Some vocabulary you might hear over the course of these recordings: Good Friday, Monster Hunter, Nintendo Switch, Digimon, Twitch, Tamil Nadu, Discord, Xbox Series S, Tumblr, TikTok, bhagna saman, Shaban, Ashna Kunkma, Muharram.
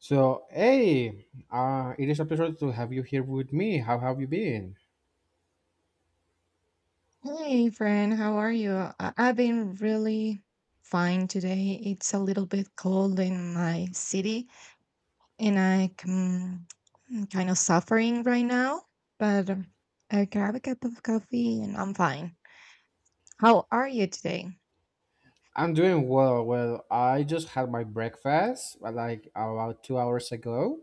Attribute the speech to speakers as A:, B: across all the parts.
A: So, hey, it is a pleasure to have you here with me. How have you been?
B: Hey, friend, how are you? I've been really fine today. It's a little bit cold in my city, and I can, I'm kind of suffering right now, but I grab a cup of coffee and I'm fine. How are you today?
A: I'm doing well. Well, I just had my breakfast like about 2 hours ago,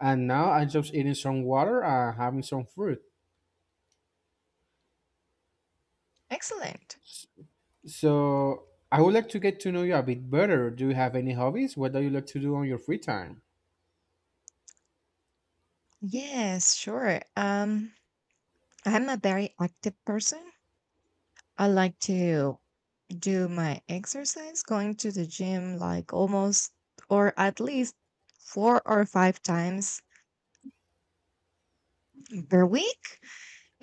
A: and now I'm just eating some water and having some fruit.
B: Excellent.
A: So, I would like to get to know you a bit better. Do you have any hobbies? What do you like to do on your free time?
B: Yes, sure. I'm a very active person. I like to do my exercise, going to the gym like almost or at least four or five times per week.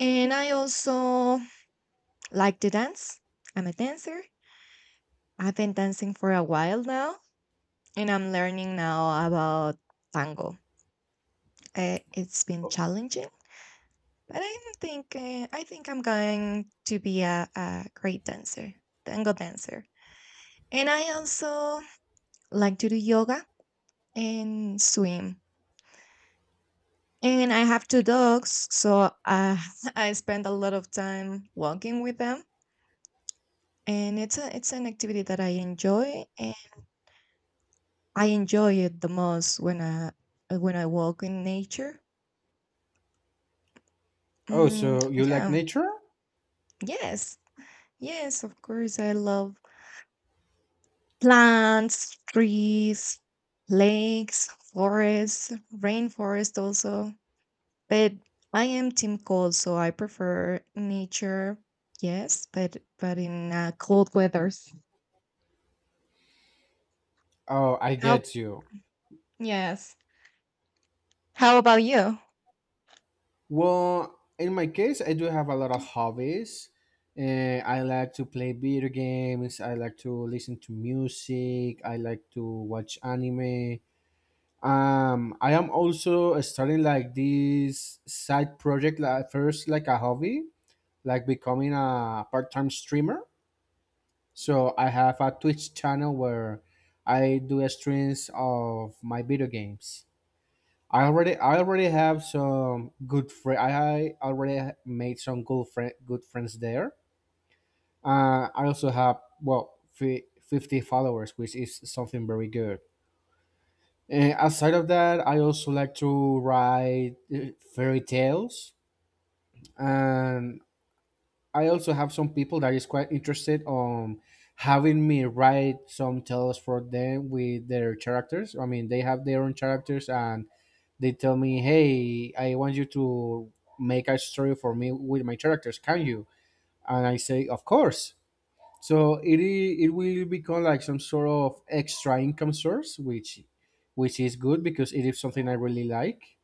B: And I also like to dance. I'm a dancer. I've been dancing for a while now, and I'm learning now about tango. It's been challenging, but I don't think I think I'm going to be a great dancer, tango dancer. And I also like to do yoga and swim. And I have two dogs, so I spend a lot of time walking with them and it's an activity that I enjoy, and I enjoy it the most when I when I walk in nature.
A: Oh,
B: Mm,
A: so you like
B: yeah,
A: nature?
B: yes, yes, of course, I love plants, trees, lakes, forests, rainforest also. But I am team cold, so I prefer nature. Yes, but in cold weathers.
A: Oh, I
B: How?
A: get you.
B: Yes. How about you?
A: Well, in my case, I do have a lot of hobbies. I like to play video games. I like to listen to music. I like to watch anime. I am also starting like this side project, like first like a hobby, like becoming a part-time streamer. So I have a Twitch channel where I do streams of my video games. I already have some good friends. I already made some good friends there. I also have well 50 followers, which is something very good. And aside of that, I also like to write fairy tales, and I also have some people that is quite interested on having me write some tales for them with their characters. I mean, they have their own characters and they tell me, "Hey, I want you to make a story for me with my characters. Can you?" And I say, "Of course." So it will become like some sort of extra income source, which is good because it is something I really like.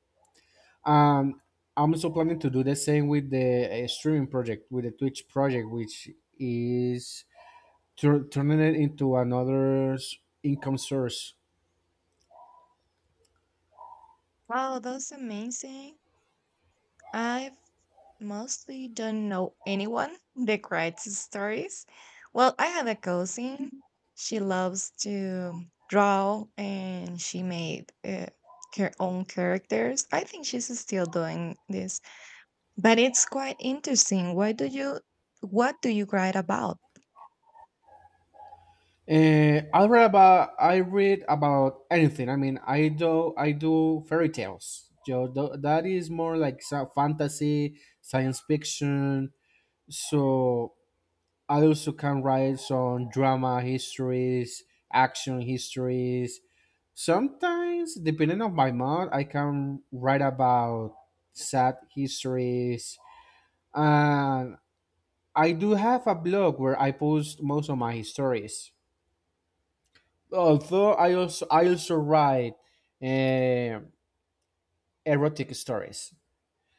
A: Um, I'm also planning to do the same with the streaming project, with the Twitch project, which is turning it into another income source.
B: Wow, that's amazing. I've mostly don't know anyone that writes stories. Well, I have a cousin. She loves to draw and she made her own characters. I think she's still doing this, but it's quite interesting. What do you write about?
A: I read about anything. I mean, I do fairy tales. Yo, that is more like fantasy, science fiction. So I also can write some drama histories, action histories. Sometimes, depending on my mood, I can write about sad histories. And I do have a blog where I post most of my stories, although I also write um erotic stories.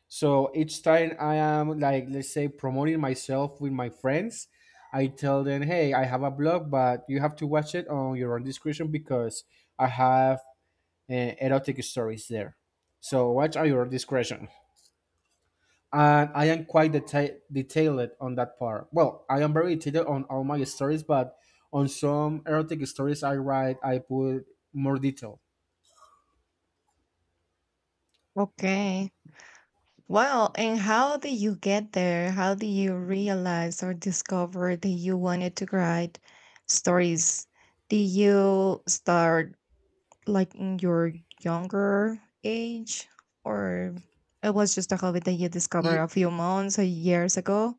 A: So each time I am like let's say promoting myself with my friends, I tell them, "Hey, I have a blog, but you have to watch it on your own discretion because I have erotic stories there. So watch at your discretion." And I am quite detailed on that part. Well, I am very detailed on all my stories, but on some erotic stories I write, I put more detail.
B: Okay. Wow, and how did you get there? How did you realize or discover that you wanted to write stories? Did you start like in your younger age, or it was just a hobby that you discovered a
A: E-,
B: few months or years ago?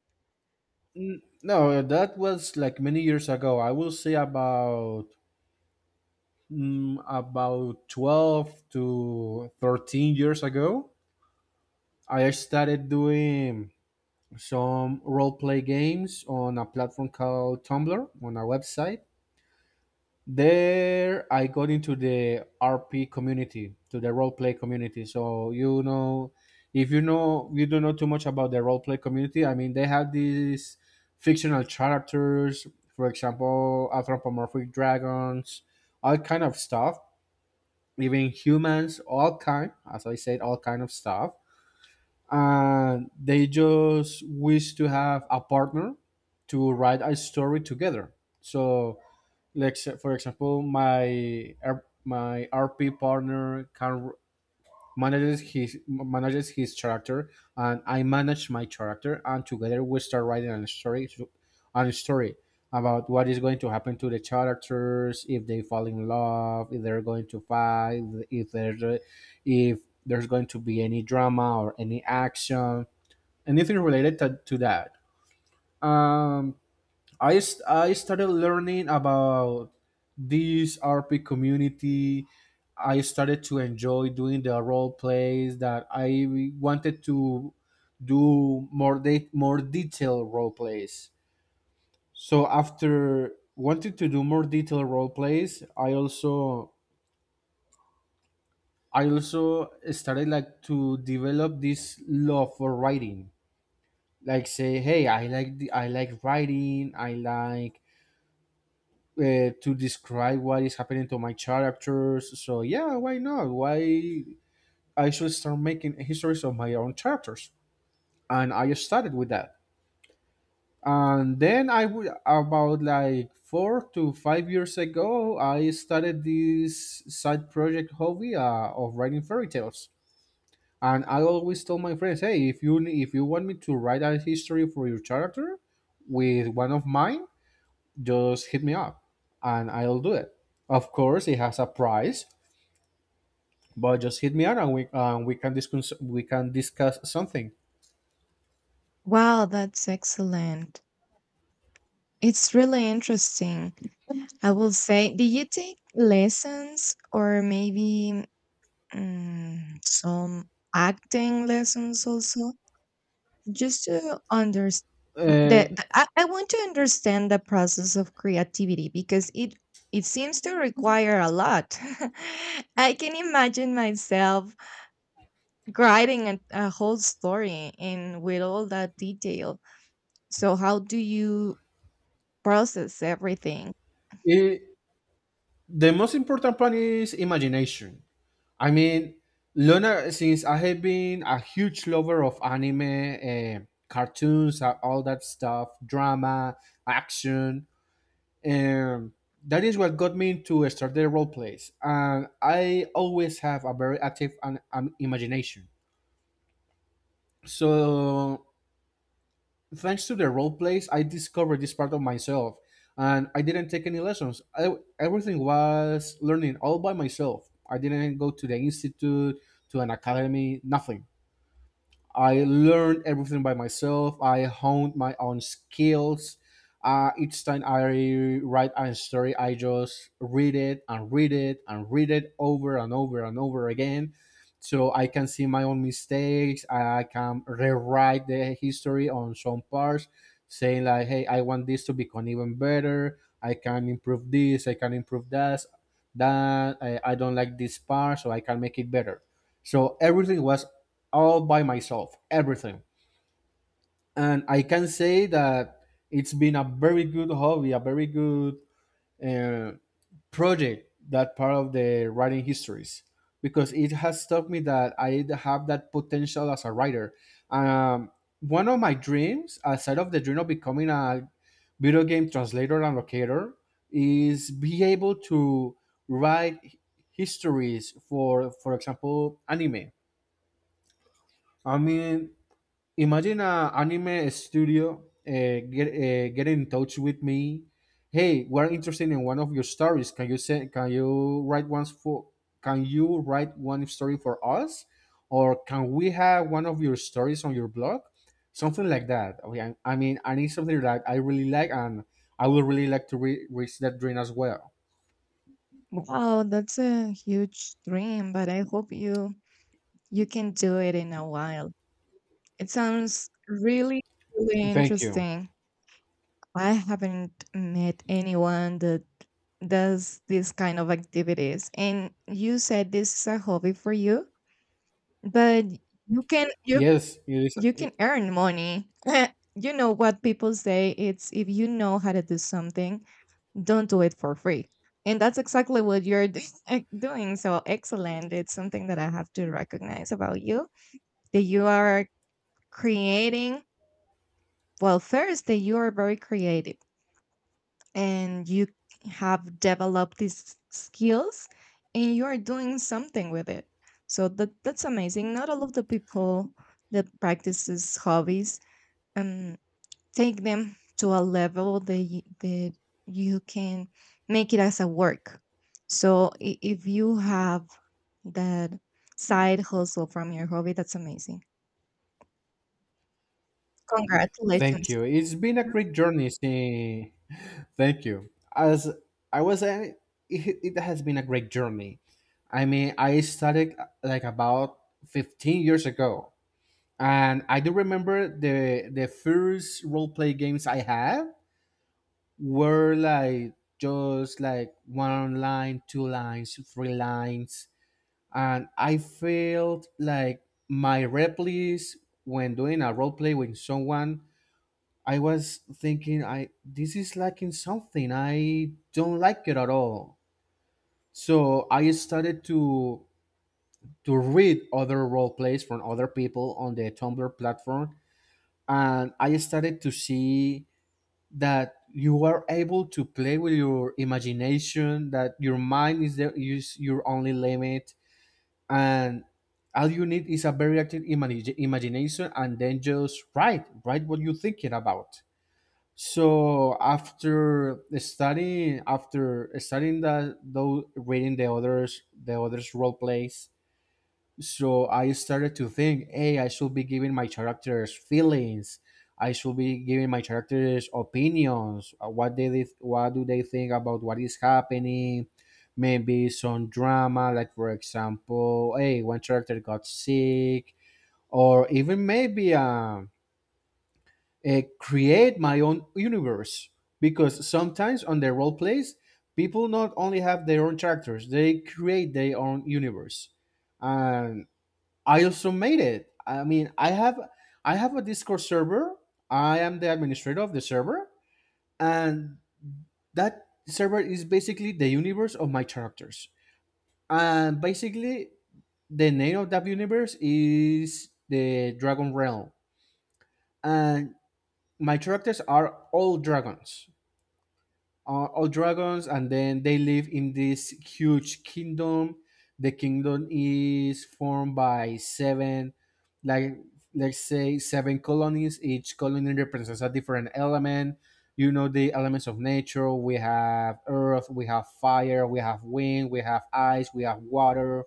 A: No, that was like many years ago. I will say about about 12 to 13 years ago. I started doing some role play games on a platform called Tumblr, on a website. There I got into the RP community, to the role play community. So, if you know you don't know too much about the role play community. I mean, they have these fictional characters, for example, anthropomorphic dragons, all kind of stuff, even humans, all kind, as I said, all kind of stuff. And they just wish to have a partner to write a story together. So, like, for example, my RP partner can manages his character, and I manage my character, and together we start writing a story about what is going to happen to the characters, if they fall in love, if they're going to fight, if there's a- if there's going to be any drama or any action, anything related to that. um I started learning about this RP community. I started to enjoy doing the role plays, that I wanted to do more detailed role plays. So after wanting to do more detailed role plays, I also started like to develop this love for writing. Like say, hey, I like writing. I like to describe what is happening to my characters. So yeah, why not? Why I should start making histories of my own characters, and I started with that. And then I would about like 4 to 5 years ago, I started this side project hobby of writing fairy tales. And I always tell my friends, hey, if you want me to write a history for your character with one of mine, just hit me up and I'll do it. Of course, it has a price, but just hit me up and we can discuss something.
B: Wow, that's excellent. It's really interesting. I will say, did you take lessons or maybe mm, some acting lessons also? Just to understand
A: Uh,
B: that I want to understand the process of creativity because it seems to require a lot. I can imagine myself writing a whole story in with all that detail, so how do you process everything.
A: it, the most important part is imagination. I mean, Luna, since I have been a huge lover of anime, cartoons, all that stuff, drama, action, um, that is what got me into start the role plays. And I always have a very active and imagination. So, thanks to the role plays, I discovered this part of myself, and I didn't take any lessons. Everything was learning all by myself. I didn't go to the institute, to an academy, nothing. I learned everything by myself. I honed my own skills. Each time I write a story, I just read it and read it and read it over and over and over again. So I can see my own mistakes. I can rewrite the history on some parts, saying like, "Hey, I want this to become even better. I can improve this. I can improve that. That I don't like this part, so I can make it better." So everything was all by myself, everything. And I can say that it's been a very good hobby, a very good uh, project, that part of the writing histories, because it has taught me that I have that potential as a writer. Um, One of my dreams, aside of the dream of becoming a video game translator and locator, is be able to write histories for example, anime. I mean, imagine a anime studio get in touch with me. Hey, we're interested in one of your stories. Can you write one story for us? Or can we have one of your stories on your blog, something like that? Okay, I mean, I need something that I really like, and I would really like to reach that dream as well.
B: Wow, that's a huge dream, but I hope you can do it in a while. It sounds really, really
A: Thank you.
B: interesting. I haven't met anyone that does this kind of activities. And you said this is a hobby for you, but you can you
A: Yes, it is.
B: you can earn money. You know what people say, it's if you know how to do something, don't do it for free. And that's exactly what doing. So excellent. It's something that I have to recognize about you, that you are creating, well first that you are very creative and you have developed these skills and you are doing something with it, so that that's amazing. Not all of the people that practices hobbies um take them to a level that you can make it as a work. So if you have that side hustle from your hobby, that's amazing.
A: Thank
B: Congratulations.
A: you. It's been a great journey since. Thank you. As I was saying, it has been a great journey. I mean, I started like about 15 years ago, and I do remember the first role play games I had were like just like one line, two lines, three lines, and I felt like my replies when doing a role play with someone, I was thinking, I this is lacking something. I don't like it at all. So I started to read other role plays from other people on the Tumblr platform, and I started to see that you are able to play with your imagination, that your mind is the is your only limit, and all you need is a very active imagination, and then just write what you're thinking about. So after studying that though reading the others role plays, so I started to think, hey, I should be giving my characters feelings. I should be giving my characters opinions. What do they think about what is happening? Maybe some drama, like for example, hey, one character got sick, or even maybe create my own universe, because sometimes on the role plays people not only have their own characters, they create their own universe. And I also made it. I mean, I have a Discord server. I am the administrator of the server, and that server is basically the universe of my characters. And basically, the name of that universe is the Dragon Realm, and my characters are all dragons, and then they live in this huge kingdom. The kingdom is formed by seven, like let's say seven colonies. Each colony represents a different element. You know, the elements of nature: we have earth, we have fire, we have wind, we have ice, we have water.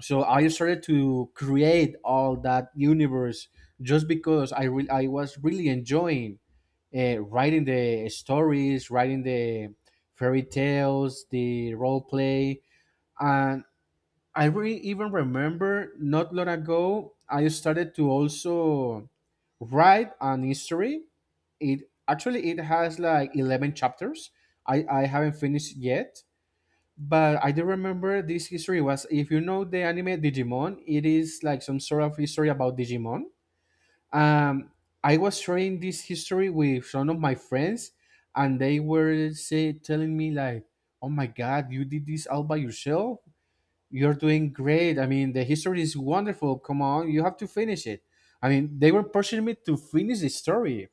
A: So I started to create all that universe just because I was really enjoying writing the stories, writing the fairy tales, the role play. And I really even remember not long ago I started to also write an history. It actually it has like 11 chapters. I haven't finished yet. But I do remember this history was, if you know the anime Digimon, it is like some sort of history about Digimon. Um, I was sharing this history with some of my friends, and they were say telling me like, "Oh my God, you did this all by yourself. You're doing great. I mean, the history is wonderful. Come on, you have to finish it." I mean, they were pushing me to finish the story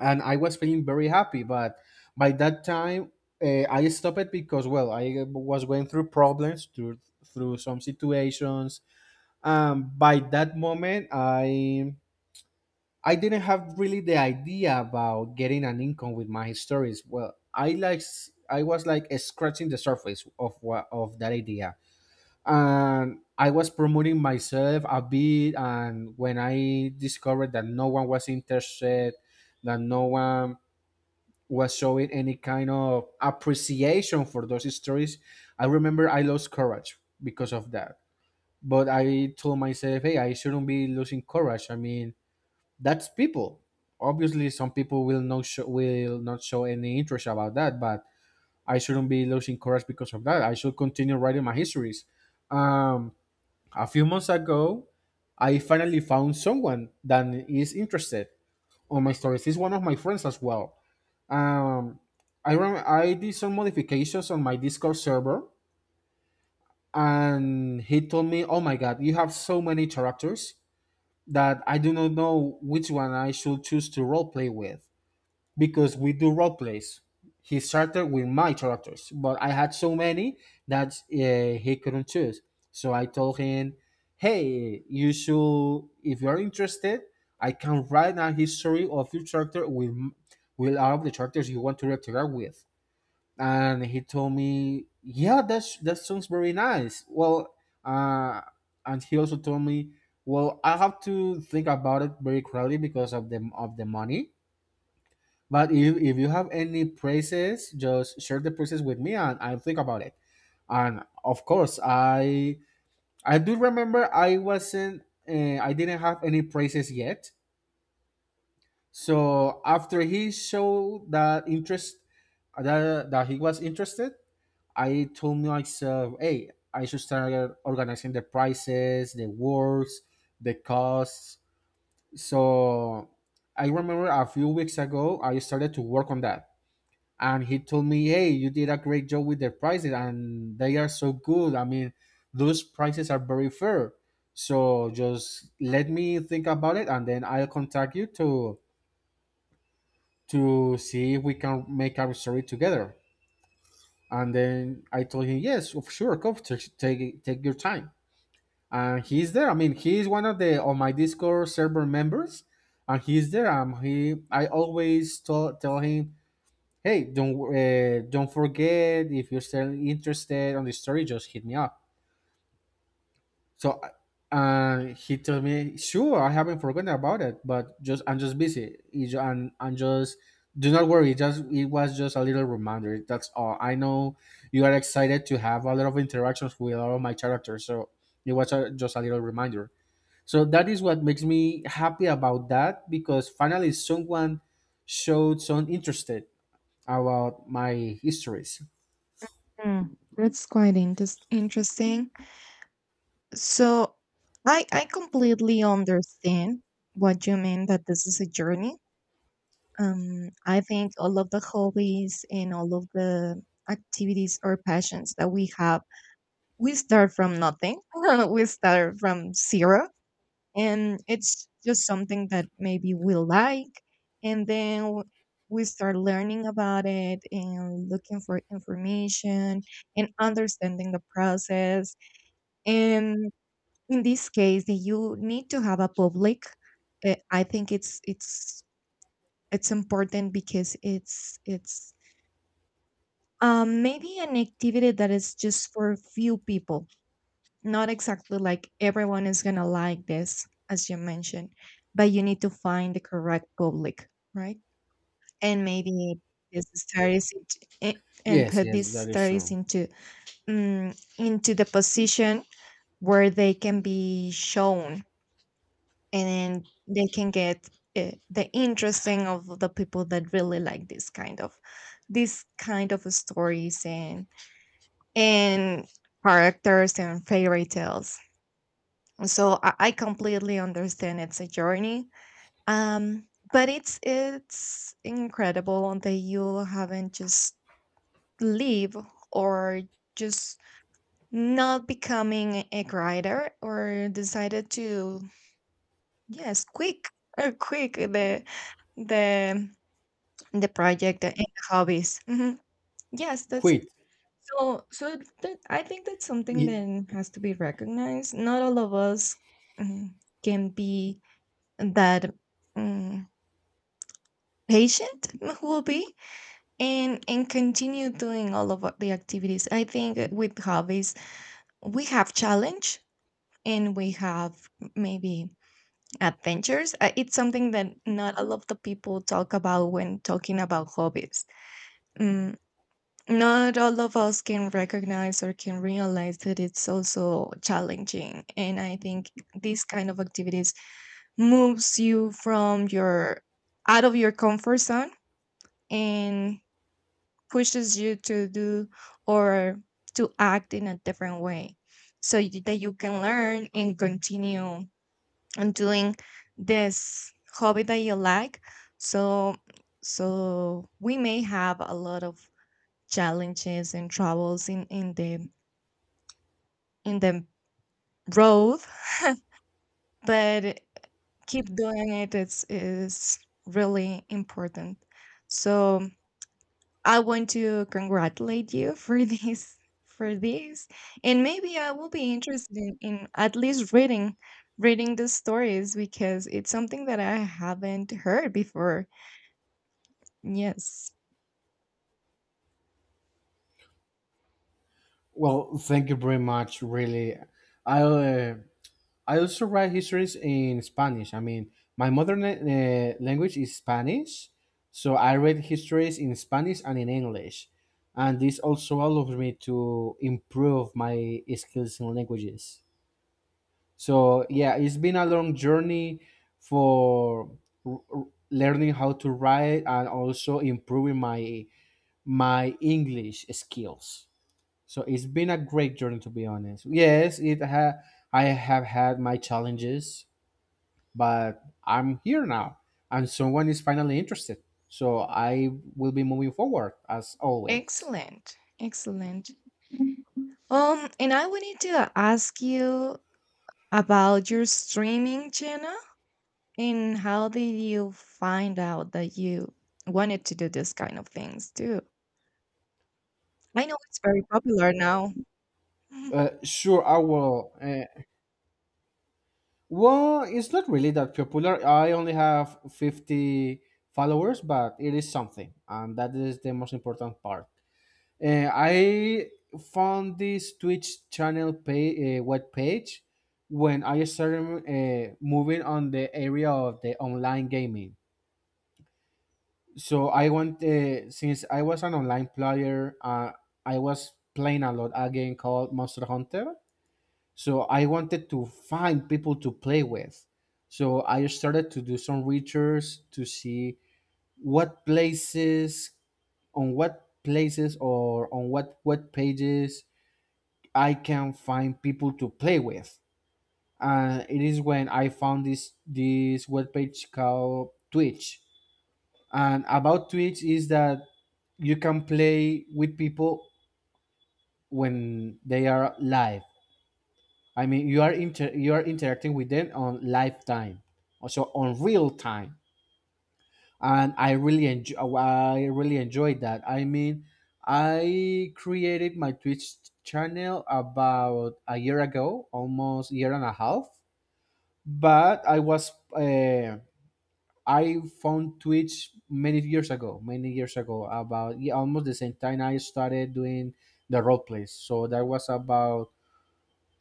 A: and I was feeling very happy. But by that time, I stopped it because well, I was going through problems through some situations. By that moment, I didn't have really the idea about getting an income with my stories. Well, I was like scratching the surface of what of that idea, and I was promoting myself a bit. And when I discovered that no one was interested, that no one was showing any kind of appreciation for those stories, I remember I lost courage because of that. But I told myself, hey, I shouldn't be losing courage. I mean, that's people. Obviously, some people will not show any interest about that, but I shouldn't be losing courage because of that. I should continue writing my histories. Um, a few months ago, I finally found someone that is interested on my stories. He's one of my friends as well. um, I did some modifications on my Discord server, and he told me, "Oh my God, you have so many characters that I do not know which one I should choose to roleplay with because we do roleplays." He started with my characters, but I had so many that he couldn't choose. So I told him, "Hey, you should, if you're interested, I can write a history of your character with all of the characters you want to interact with." And he told me, "Yeah, that's that sounds very nice." Well, uh, and he also told me, "Well, I have to think about it very clearly because of the money. But if you have any prices, just share the prices with me, and I'll think about it." And of course, I do remember I wasn't I didn't have any prices yet. So after he showed that interest, that he was interested, I told myself, hey, I should start organizing the prices, the works, the costs. So I remember a few weeks ago, I started to work on that. And he told me, hey, you did a great job with the prices, and they are so good. I mean, those prices are very fair. So just let me think about it, and then I'll contact you to see if we can make our story together. And then I told him, yes, of sure, come, take take your time. And he's there. I mean, he's one of the on my Discord server members, and he's there. He I always tell him, hey, don't forget if you're still interested on the story, just hit me up. So he told me, sure, I haven't forgotten about it, but just I'm just busy. And just do not worry. Just it was just a little reminder. That's all. I know you are excited to have a lot of interactions with all of my characters. So it was a, just a little reminder. So that is what makes me happy about that because finally someone showed some interest about my histories.
B: That's quite interesting. So I completely understand what you mean, that this is a journey. I think all of the hobbies and all of the activities or passions that we have, we start from nothing. We start from zero, and it's just something that maybe we like, and then we start learning about it and looking for information and understanding the process. And in this case you need to have a public. I think it's important because it's maybe an activity that is just for few people. Not exactly like everyone is gonna like this as you mentioned, but you need to find the correct public, right? And maybe this studies into, I- and
A: Yes,
B: put these
A: yes, that is
B: studies
A: true.
B: um, into the position where they can be shown and they can get the interesting of the people that really like this kind of stories and characters and fairy tales. So I completely understand, it's a journey. Um, but it's incredible that you haven't just leave or just not becoming a writer or decided to. Yes, quick, quick the the project and the hobbies. Mhm. Yes, that's it.
A: Quit.
B: So that, I think that's something
A: Y-
B: that has to be recognized. Not all of us, mm, can be that, mm, patient who will be, and continue doing all of the activities. I think with hobbies we have challenge and we have maybe adventures. It's something that not a lot of the people talk about when talking about hobbies. Mm, not all of us can recognize or can realize that it's also challenging. And I think this kind of activities moves you from your out of your comfort zone and pushes you to do or to act in a different way, so that you can learn and continue and doing this hobby that you like. So so we may have a lot of challenges and troubles in in the road. But keep doing it, it's is really important. So I want to congratulate you for this, for this, and maybe I will be interested in at least reading reading the stories, because it's something that I haven't heard before. Yes.
A: Well, thank you very much. Really, I uh, I also write histories in Spanish. I mean, my mother language is Spanish, so I read histories in Spanish and in English, and this also allows me to improve my skills in languages. So yeah, it's been a long journey for learning how to write and also improving my my English skills. So it's been a great journey, to be honest. Yes, I have had my challenges, but I'm here now, and someone is finally interested. So I will be moving forward as always.
B: Excellent. Excellent. And I wanted to ask you about your streaming channel, and how did you find out that you wanted to do this kind of things too? I know it's very popular now.
A: Sure, I will. Well, it's not really that popular. I only have 50 followers, but it is something, and that is the most important part. I found this Twitch channel pay, web page when I started moving on the area of the online gaming. So I went since I was an online player. I was playing a lot a game called Monster Hunter. So I wanted to find people to play with. So I started to do some research to see what places on what places or on what web pages I can find people to play with. And it is when I found this webpage called Twitch. And about Twitch is that you can play with people when they are live. I mean, you are interacting with them on live time, also on real time. And I really enjoyed that. I mean, I created my Twitch channel about a year ago, almost year and a half, but I was I found Twitch many years ago, about yeah, almost the same time I started doing the role plays. So that was about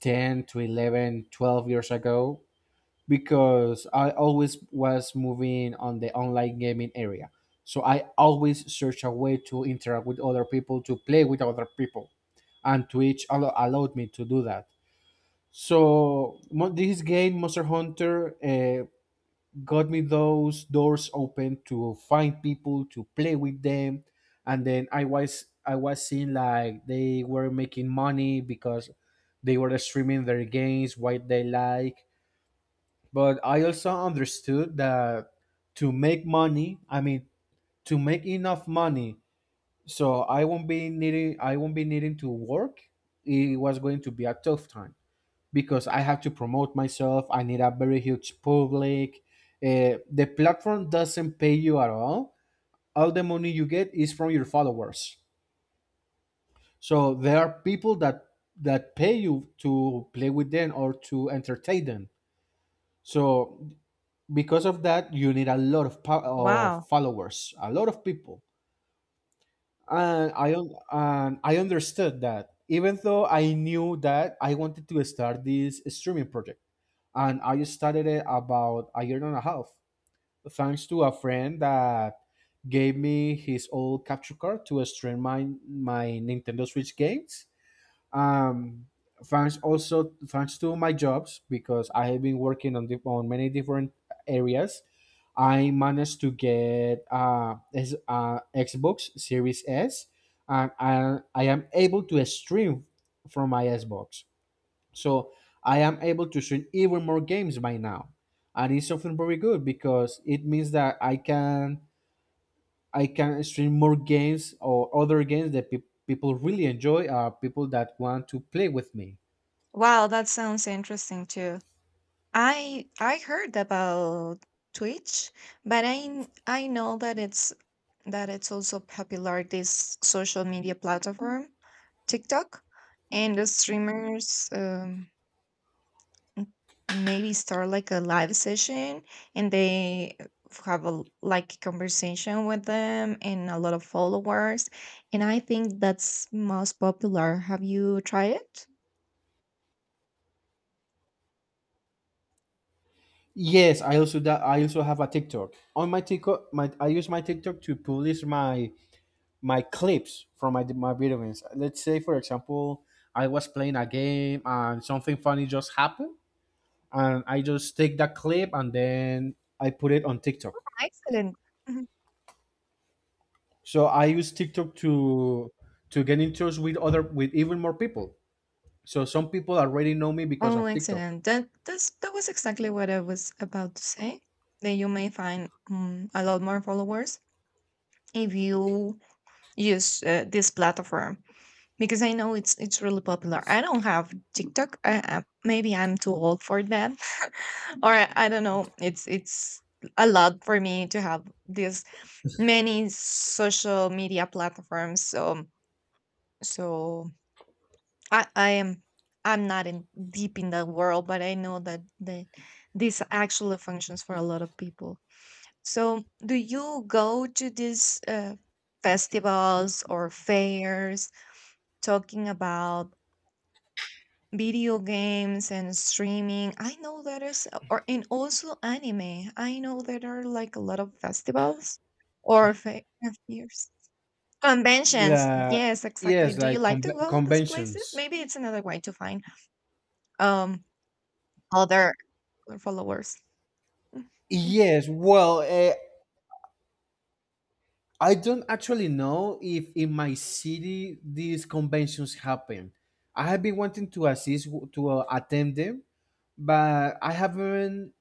A: 10 to 11, 12 years ago because I always was moving on the online gaming area. So I always search a way to interact with other people, to play with other people and Twitch allowed me to do that. So this game, Monster Hunter, got me those doors open to find people to play with them and then I was seeing like they were making money because they were streaming their games what they like but I also understood that to make money, I mean to make enough money, so I won't be needing to work. It was going to be a tough time because I have to promote myself. I need a very huge public. The platform doesn't pay you at all. All the money you get is from your followers. So there are people that pay you to play with them or to entertain them. So because of that, you need a lot of, of
B: Wow.
A: followers, a lot of people. And and I understood that even though I knew that I wanted to start this streaming project, and I started it about a year and a half, thanks to a friend that gave me his old capture card to stream my my Nintendo Switch games, um, thanks also thanks to my jobs because I have been working on on many different areas. I managed to get Xbox Series S, and I am able to stream from my Xbox. So I am able to stream even more games by now, and it's something very good because it means that I can stream more games or other games that people really enjoy, or people that want to play with me.
B: Wow, that sounds interesting too. I heard about Twitch, but I know that it's also popular, this social media platform, TikTok, and the streamers m- maybe start like a live session, and they have a like conversation with them and a lot of followers. And I think that's most popular. Have you tried it?
A: Yes, I also have a TikTok. On my TikTok, my I use my TikTok to publish my my clips from my my video games. Let's say, for example, I was playing a game and something funny just happened, and I just take that clip and then I put it on TikTok.
B: Excellent.
A: So I use TikTok to get in touch with other with even more people. So some people already know me because
B: Oh,
A: of TikTok.
B: excellent. That was exactly what I was about to say. That you may find a lot more followers if you use this platform, because I know it's really popular. I don't have TikTok. Maybe I'm too old for that, or I don't know. It's a lot for me to have this many social media platforms. So I I am I'm not in deep in that world, but I know that this actually functions for a lot of people. So, do you go to these festivals or fairs talking about video games and streaming? I know there is, or and also anime. I know there are like a lot of festivals or fairs. Conventions,
A: La,
B: yes, exactly.
A: yes,
B: Do you
A: like
B: like to go those places?
A: conventions.
B: Maybe it's another way to find um other followers. Mm, mm.
A: Yes, well, I don't actually know if in my city these conventions happen. I have been wanting to assist to attend them, but I haven't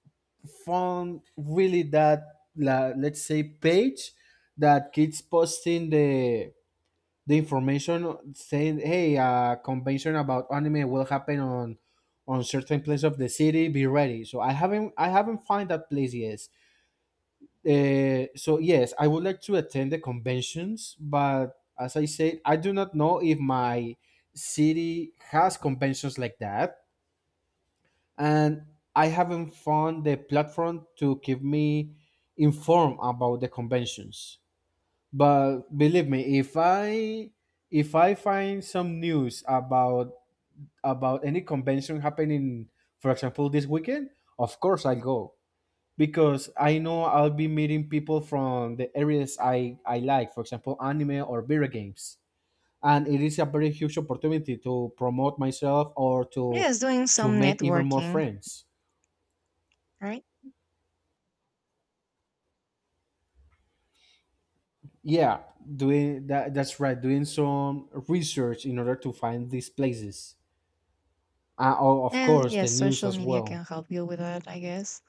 A: found really that let's say page that keeps posting the information saying, "Hey, a convention about anime will happen on certain place of the city. Be ready." So I haven't found that place yet. So yes, I would like to attend the conventions, but as I said, I do not know if my city has conventions like that, and I haven't found the platform to keep me informed about the conventions. But believe me, if I find some news about any convention happening, for example, this weekend, of course I'll go because I know I'll be meeting people from the areas I like, for example, anime or video games. And it is a very huge opportunity to promote myself or
B: Yes, doing
A: to
B: some
A: make even more
B: networking,
A: friends.
B: right?
A: Yeah, doing that that's right, doing some research in order to find these places. Oh, of
B: And
A: course, the
B: yes,
A: news
B: social
A: as
B: media
A: well.
B: can help you with that, I guess.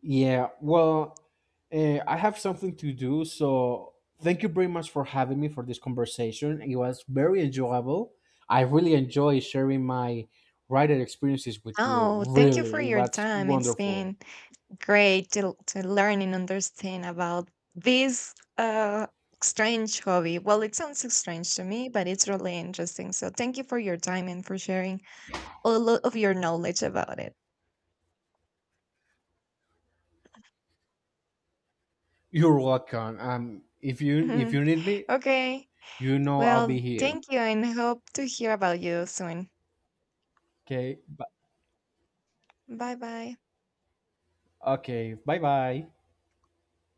A: Yeah, well, I have something to do, so thank you very much for having me for this conversation. It was very enjoyable. I really enjoy sharing my writing experiences with you.
B: Oh, thank you for
A: Really, it
B: your
A: was
B: time. It's
A: wonderful.
B: been great to learn and understand about this strange hobby. Well, it sounds so strange to me, but it's really interesting. So thank you for your time and for sharing all of your knowledge about it.
A: You're welcome. If
B: Mhm.
A: you need me,
B: Okay.
A: you know I'll be
B: Well,
A: here.
B: thank you and hope to hear about you soon.
A: Okay.
B: Bye bye.
A: Okay. Bye bye.